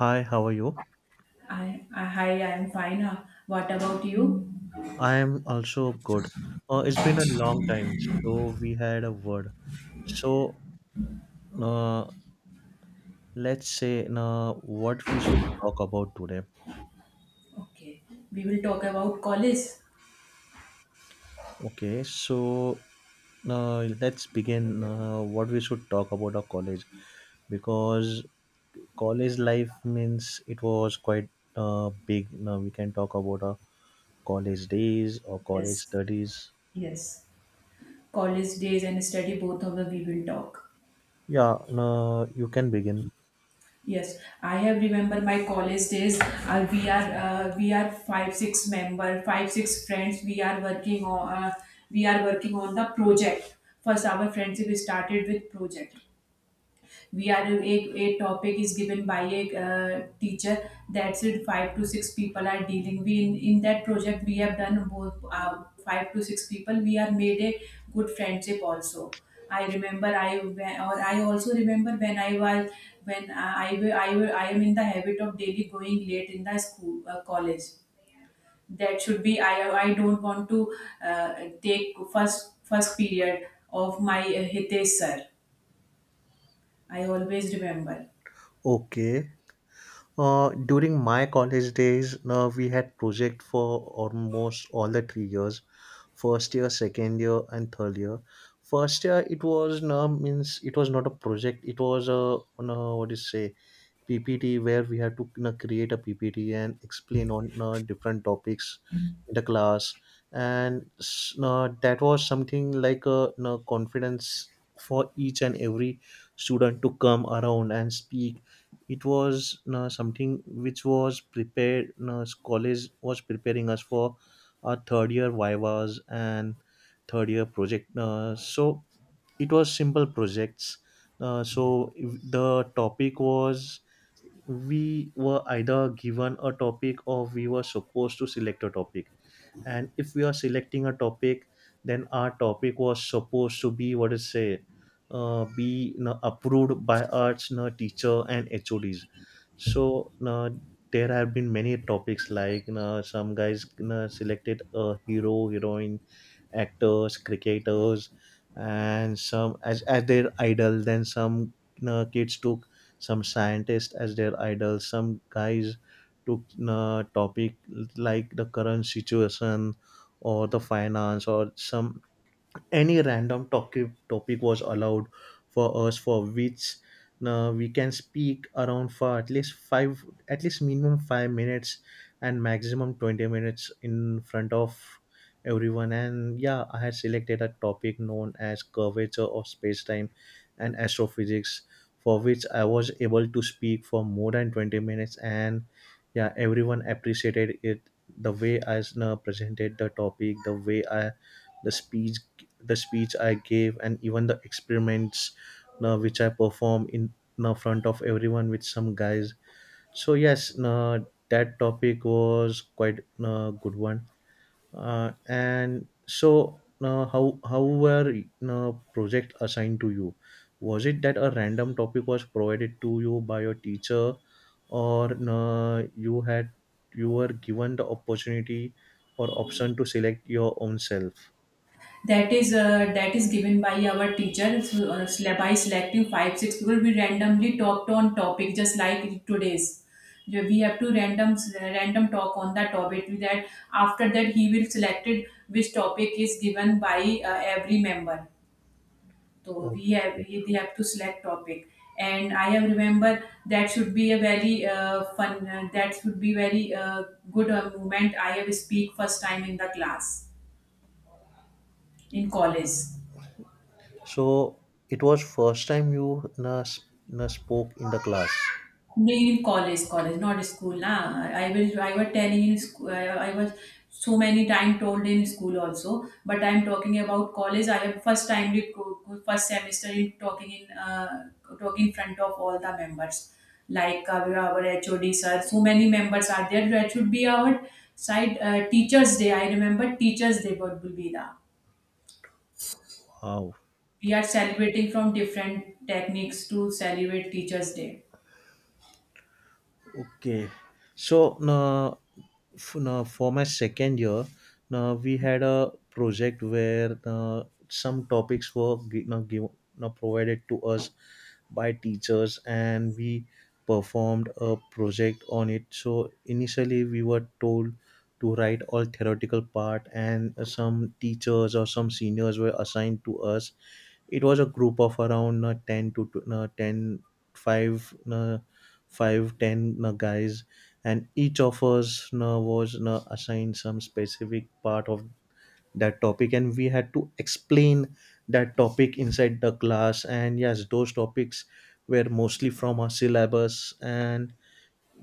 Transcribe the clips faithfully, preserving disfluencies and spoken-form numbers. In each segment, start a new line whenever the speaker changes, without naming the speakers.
Hi, how are you?
I, I Hi, I'm fine. Uh, What about you?
I am also good. Uh, it's been a long time, so we had a word. So, uh, let's say uh, what we should talk about today.
Okay, we will talk about college.
Okay, so uh, let's begin, uh, what we should talk about our college, because college life means it was quite uh, big. Now we can talk about our college days or college
Yes,
studies.
yes. College days and study, both of them we will talk.
Yeah, uh, you can begin.
Yes, I have remember my college days. Uh, we are uh, we are five six member, five six friends. We are working on uh, we are working on the project. First, our friendship started with project. we are a, a topic is given by a uh, teacher. That's it. Five to six people are dealing. We in, in that project we have done both uh, five to six people we are made a good friendship also. I remember. i when or I also remember when I was when I I, I, I am in the habit of daily going late in the school, uh, college. That should be i i don't want to uh, take first first period of my uh, Hitesh sir. I always remember.
Okay. Uh, during my college days, uh, we had project for almost all the three years, first year, second year, and third year. First year, it was no means it was not a project. It was a no, what do you say? P P T where we had to you know, create a P P T and explain on uh, different topics in the class, and s- uh, that was something like a you know, confidence for each and every student to come around and speak. It was you know, something which was prepared. you know, college was preparing us for our third year vivas and third year project. Uh, so it was simple projects. Uh, so if the topic was, we were either given a topic, or we were supposed to select a topic. And if we are selecting a topic, then our topic was supposed to be, what is say, uh, be you know, approved by arts, you know, teacher and H O Ds. So uh, there have been many topics, like you know, some guys you know, selected a hero, heroine, actors, cricketers, and some as, as their idol. Then some you know, kids took some scientists as their idol. Some guys to uh, topic like the current situation or the finance or some any random topic topic was allowed for us, for which uh, we can speak around for at least five, at least minimum five minutes, and maximum twenty minutes in front of everyone. And yeah, I had selected a topic known as curvature of space-time and astrophysics, for which I was able to speak for more than twenty minutes. And yeah, everyone appreciated it, the way I uh, presented the topic, the way i the speech the speech I gave, and even the experiments now which I perform in now front of everyone with some guys. So yes, no, that topic was quite a good one. Uh, and so now how how were no project assigned to you? Was it that a random topic was provided to you by your teacher, or no, you had you were given the opportunity or option to select your own self?
That is uh, that is given by our teacher. So, uh, sele- by selecting five six people we randomly talked on topic just like today's. Yeah, we have to random random talk on that topic with that. After that he will selected which topic is given by uh, every member. So we have we- they have to select topic. And I have remember that should be a very uh, fun, uh, that should be very uh, good uh, moment. I have speak first time in the class, in college.
So it was first time you, na, na spoke in the class.
No, in college, college, not school. Nah, I I will. I was telling in school. I, I was so many time told in school also. But I'm talking about college. I have first time did co- co- first semester in talking in uh, talking in front of all the members, like uh, our H O D sir. So many members are there. That should be our side, uh, Teachers Day. I remember Teachers Day. What will be the
Wow.
We are celebrating from different techniques to celebrate Teachers Day.
Okay. So na, f- na, for my second year, na, we had a project where na, some topics were gi- na, give, na, provided to us by teachers, and we performed a project on it. So initially we were told to write all theoretical part, and uh, some teachers or some seniors were assigned to us. It was a group of around uh, ten to tw- uh, ten, five, uh, five, ten, uh, guys, and each of us uh, was uh, assigned some specific part of that topic, and we had to explain that topic inside the class. And yes, those topics were mostly from our syllabus. And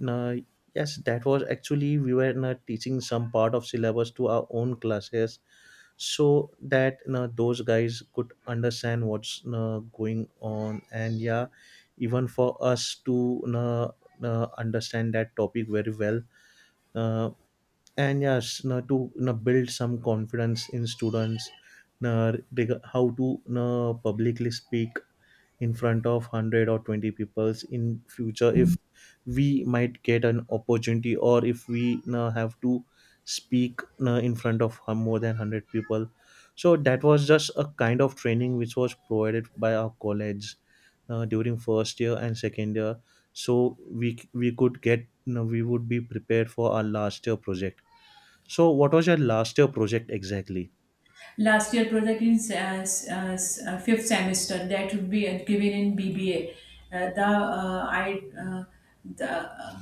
uh, yes, that was actually we were not teaching some part of syllabus to our own classes, so that you know, those guys could understand what's you know, going on. And yeah, even for us to you know, you know, understand that topic very well. uh, and yes, you know, to you know, build some confidence in students, you know, reg- how to you know, publicly speak in front of one hundred or twenty peoples in future, if we might get an opportunity, or if we uh, have to speak uh, in front of uh, more than one hundred people. So that was just a kind of training which was provided by our college uh, during first year and second year, so we we could get, you know, we would be prepared for our last year project. So what was your last year project exactly?
Last year project in s- uh, s- uh, s- uh, fifth semester that would be uh, given in B B A. Uh, the uh, I uh, the, uh,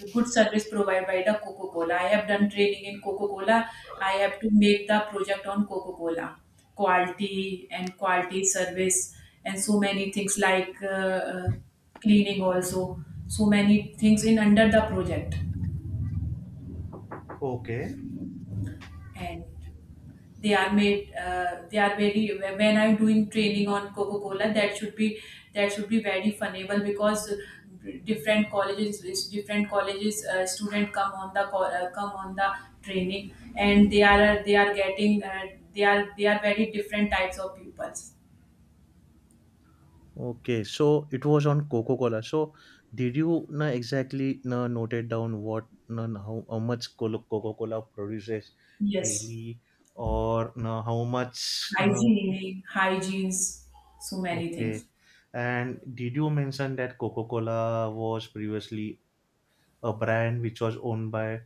the good service provided by the Coca Cola. I have done training in Coca Cola. I have to make the project on Coca Cola quality and quality service, and so many things like uh, uh, cleaning also. So many things in under the project.
Okay.
And they are made uh, they are very when I'm doing training on coca cola, that should be that should be very funnable because different colleges different colleges uh, student come on the, co- uh, come on the training. And they are they are getting uh, they are they are very different types of pupils.
Okay, so it was on Coca-Cola. So did you, na, exactly, na, noted down what, na, how, how much Colo- Coca-Cola produces
Yes.
daily, or, na, how much, na?
Hygiene, hygienes, so many
Okay.
things.
And did you mention that Coca-Cola was previously a brand which was owned by,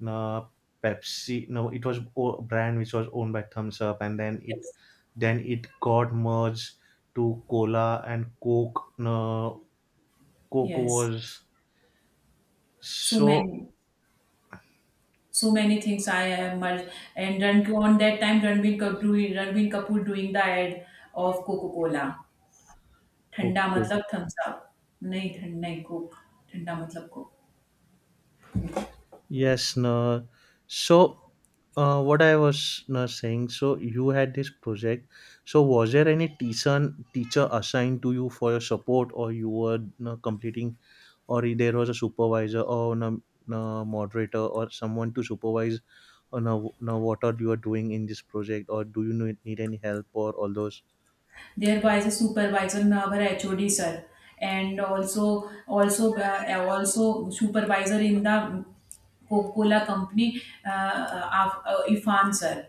na, Pepsi? No, it was o- a brand which was owned by Thumbs Up, and then it
Yes.
then it got merged to Cola and Coke. Na, Coco
Yes.
Wars.
so
So.
many so many things I have merged. And Ran- on that time, Ranbir Kapoor, doing- Ranbir Kapoor doing the ad of Coca Cola. Thanda
Okay.
matlab thumbs up. नहीं ठंड नहीं coke. ठंडा मतलब coke.
Yes, no. So uh, what I was, no, saying. So you had this project. So was there any teacher teacher assigned to you for your support, or you were, no, completing, or there was a supervisor, or, no, no, moderator or someone to supervise? Or now, now what are you are doing in this project, or do you need need any help or all those?
There wise uh supervisor nor HOD sir, and also also also supervisor in the Coca Cola company, Irfan sir.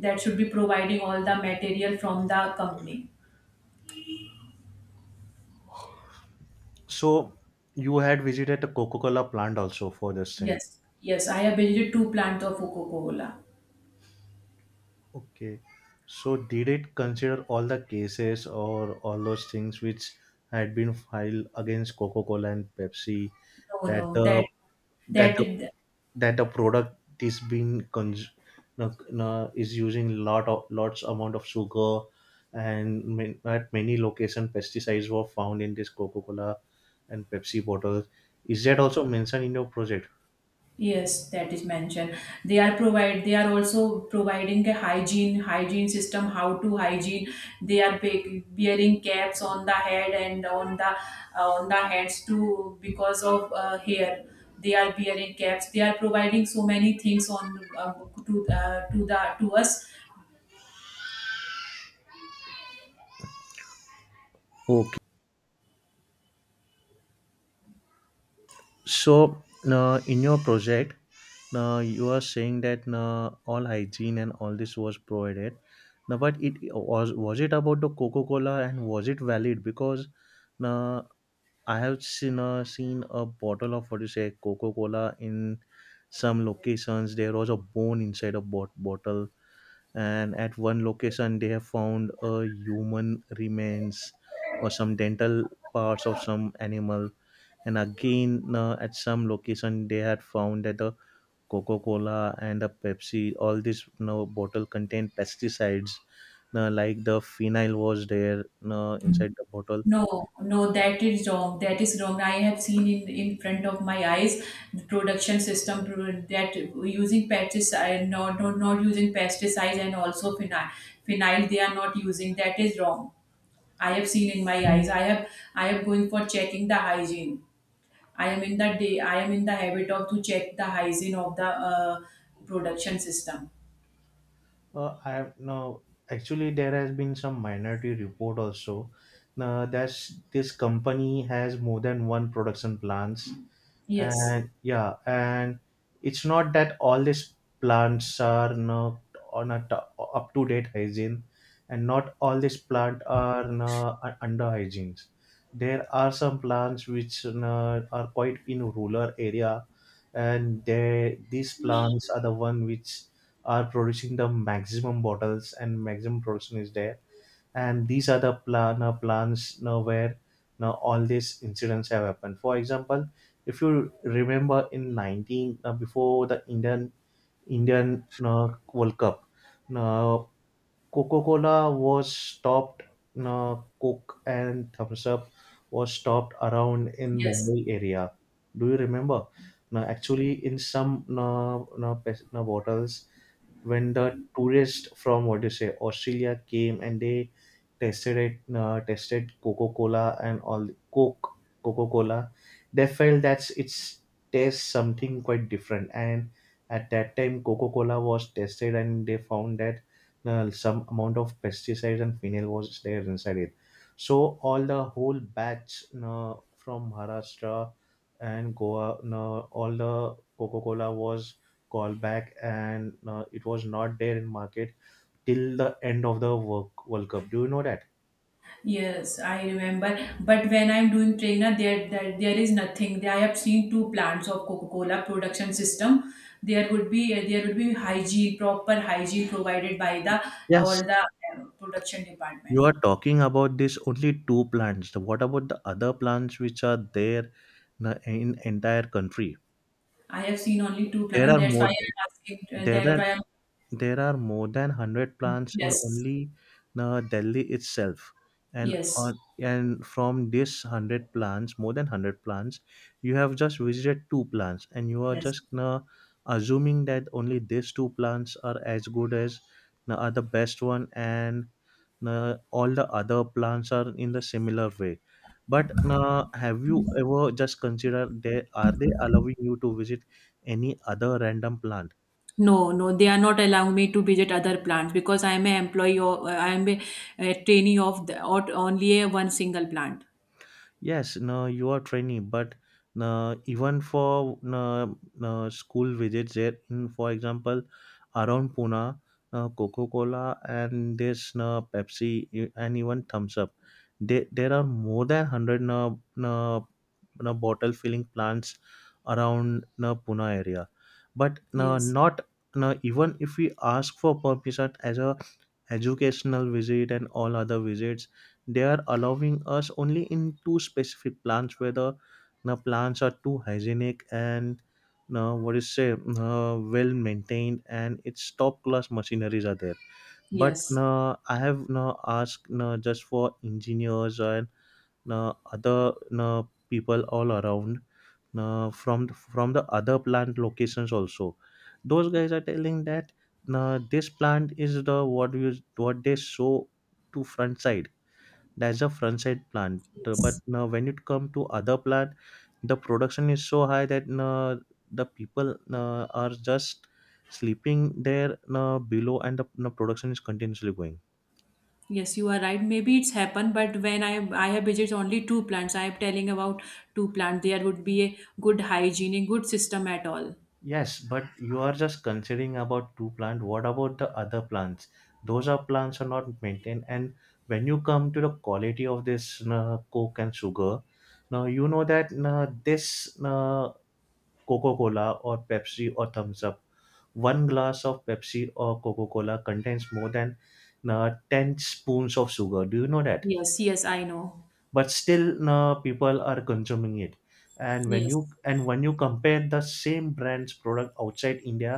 That should be providing all the material from the company.
So you had visited the Coca Cola plant also for this thing.
Yes, yes, I have visited two plants of Coca-Cola.
Okay. So did it consider all the cases or all those things which had been filed against Coca-Cola and Pepsi,
No,
that
no,
the
that
that
that
the
is-
that the product is being cons- no- no- is using lot of lots amount of sugar, and ma- at many location pesticides were found in this Coca-Cola and Pepsi bottles. Is that also mentioned in your project?
Yes, that is mentioned. They are provide they are also providing a hygiene hygiene system, how to hygiene. They are be- wearing caps on the head and on the uh, on the hands too because of uh, hair. They are wearing caps. They are providing so many things, on uh, to uh, to the to us.
Okay. So, uh, in your project, uh, you are saying that uh, all hygiene and all this was provided. Now, but it was was it about the Coca Cola and was it valid? Because uh, I have seen, uh, seen a bottle of, what do you say, Coca Cola in some locations. There was a bone inside a bot- bottle, and at one location they have found a human remains or some dental parts of some animal. And again, uh, at some location they had found that the Coca-Cola and the Pepsi, all this, you know, bottle contained pesticides, uh, like the phenyl was there, uh, inside the bottle.
No, no, that is wrong. That is wrong. I have seen in in front of my eyes the production system, pro- that using pesticide, not not, not using pesticides, and also phenyl, phenyl they are not using. That is wrong. I have seen in my eyes. I have I am going for checking the hygiene. I am in the day. I am in the habit of to check the hygiene of the uh, production system.
Uh, i have, no, actually, there has been some minority report also, uh, that this company has more than one production plants.
Yes,
And yeah, and it's not that all these plants are not on a t- up to date hygiene, and not all these plants are uh, un- under hygiene. There are some plants which uh, are quite in rural area, and they these plants are the one which are producing the maximum bottles, and maximum production is there. And these are the plan uh, plans now where, now, all these incidents have happened. For example, if you remember in nineteen, uh, before the indian indian uh, World Cup, now Coca-Cola was stopped, now Coke and Thumbs Up was stopped around in
yes.
Mumbai area. Do you remember, now, actually, in some, no, no, pes- no bottles, when the tourists from, what do you say, Australia came and they tested it, uh, tested Coca Cola and all, Coke, Coca Cola, they felt that it's tastes something quite different. And at that time, Coca Cola was tested, and they found that uh, some amount of pesticides and phenol was there inside it. So all the whole batch, uh, from Maharashtra and Goa, uh, all the Coca Cola was called back, and uh, it was not there in market till the end of the work World Cup. Do you know that?
Yes, I remember. But when I'm doing trainer, there, there there is nothing. I have seen two plants of Coca-Cola production system. There would be there would be hygiene, proper hygiene provided by the, or
Yes,
the uh, production
you
department.
are talking about these only two plants. What about the other plants which are there, na- in entire country?
I have seen only two
There are
plants. That's
more.
why I'm
th-
asking. Uh,
There
That's
are
why I'm
there are more than hundred plants in
Yes,
only uh, Delhi itself, and
yes,
on, and from this hundred plants, more than hundred plants, you have just visited two plants, and you are
yes.
just uh, assuming that only these two plants are as good as, uh, are the best one, and uh, all the other plants are in the similar way, but uh, have you ever just considered, they are they allowing you to visit any other random plant?
No, no, they are not allowing me to visit other plants because I am an employee, or uh, I am a, a trainee of the, or only a one single plant.
Yes, no, you are trainee, but, no, even for, no, no school visits there, in, for example, around Pune, no, Coca Cola and this, no, Pepsi e- and even Thumbs Up, they, there are more than one hundred, no, no, no bottle filling plants around, no, Pune area, but, no,
Yes,
not, no, even if we ask for permission as a educational visit and all other visits, they are allowing us only in two specific plants where the the plants are too hygienic, and uh, what is say, uh, well maintained, and its top class machineries are there. But
yes.
uh, I have now asked, uh, just for engineers and, na, other, na, people all around, na, from from the other plant locations also, those guys are telling that, na, this plant is the, what you what they show to front side, that's a front side plant. The- but
Yes,
now when it come to other plant, the production is so high that, na, the people, na, are just sleeping there, na, below, and the, na, production is continuously going.
yes, you are right. Maybe it's happened, but when I I have visited only two plants, I am telling about two plants. There would be a good hygiene, a good system at all.
Yes, but you are just considering about two plants. What about the other plants? Those are plants are not maintained. And when you come to the quality of this uh, coke and sugar, now you know that uh, this uh, Coca Cola or Pepsi or Thumbs Up, one glass of Pepsi or Coca Cola contains more than uh, ten spoons of sugar. Do you know that?
Yes, yes, I know.
But still, no, people are consuming it. And when
Yes,
you and when you compare the same brand's product outside India,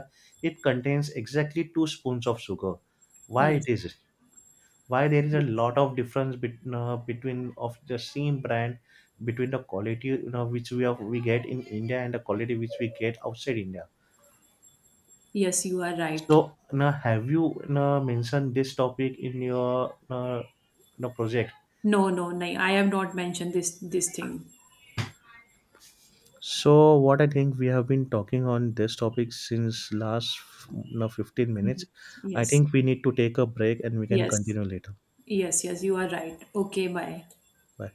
it contains exactly two spoons of sugar. Why it
yes,
is, why there is a
yes.
lot of difference bet, uh, between of the same brand, between the quality, you know, which we have we get in India, and the quality which we get outside India.
Yes, you are
So
right.
now have you now mentioned this topic in your uh, now project?
No, no, no. I have not mentioned this this thing.
So what I think, we have been talking on this topic since last, no, fifteen minutes.
Mhm.
I
Yes,
think we need to take a break, and we can
yes,
continue later.
yes, yes. You are right. Okay, bye.
Bye.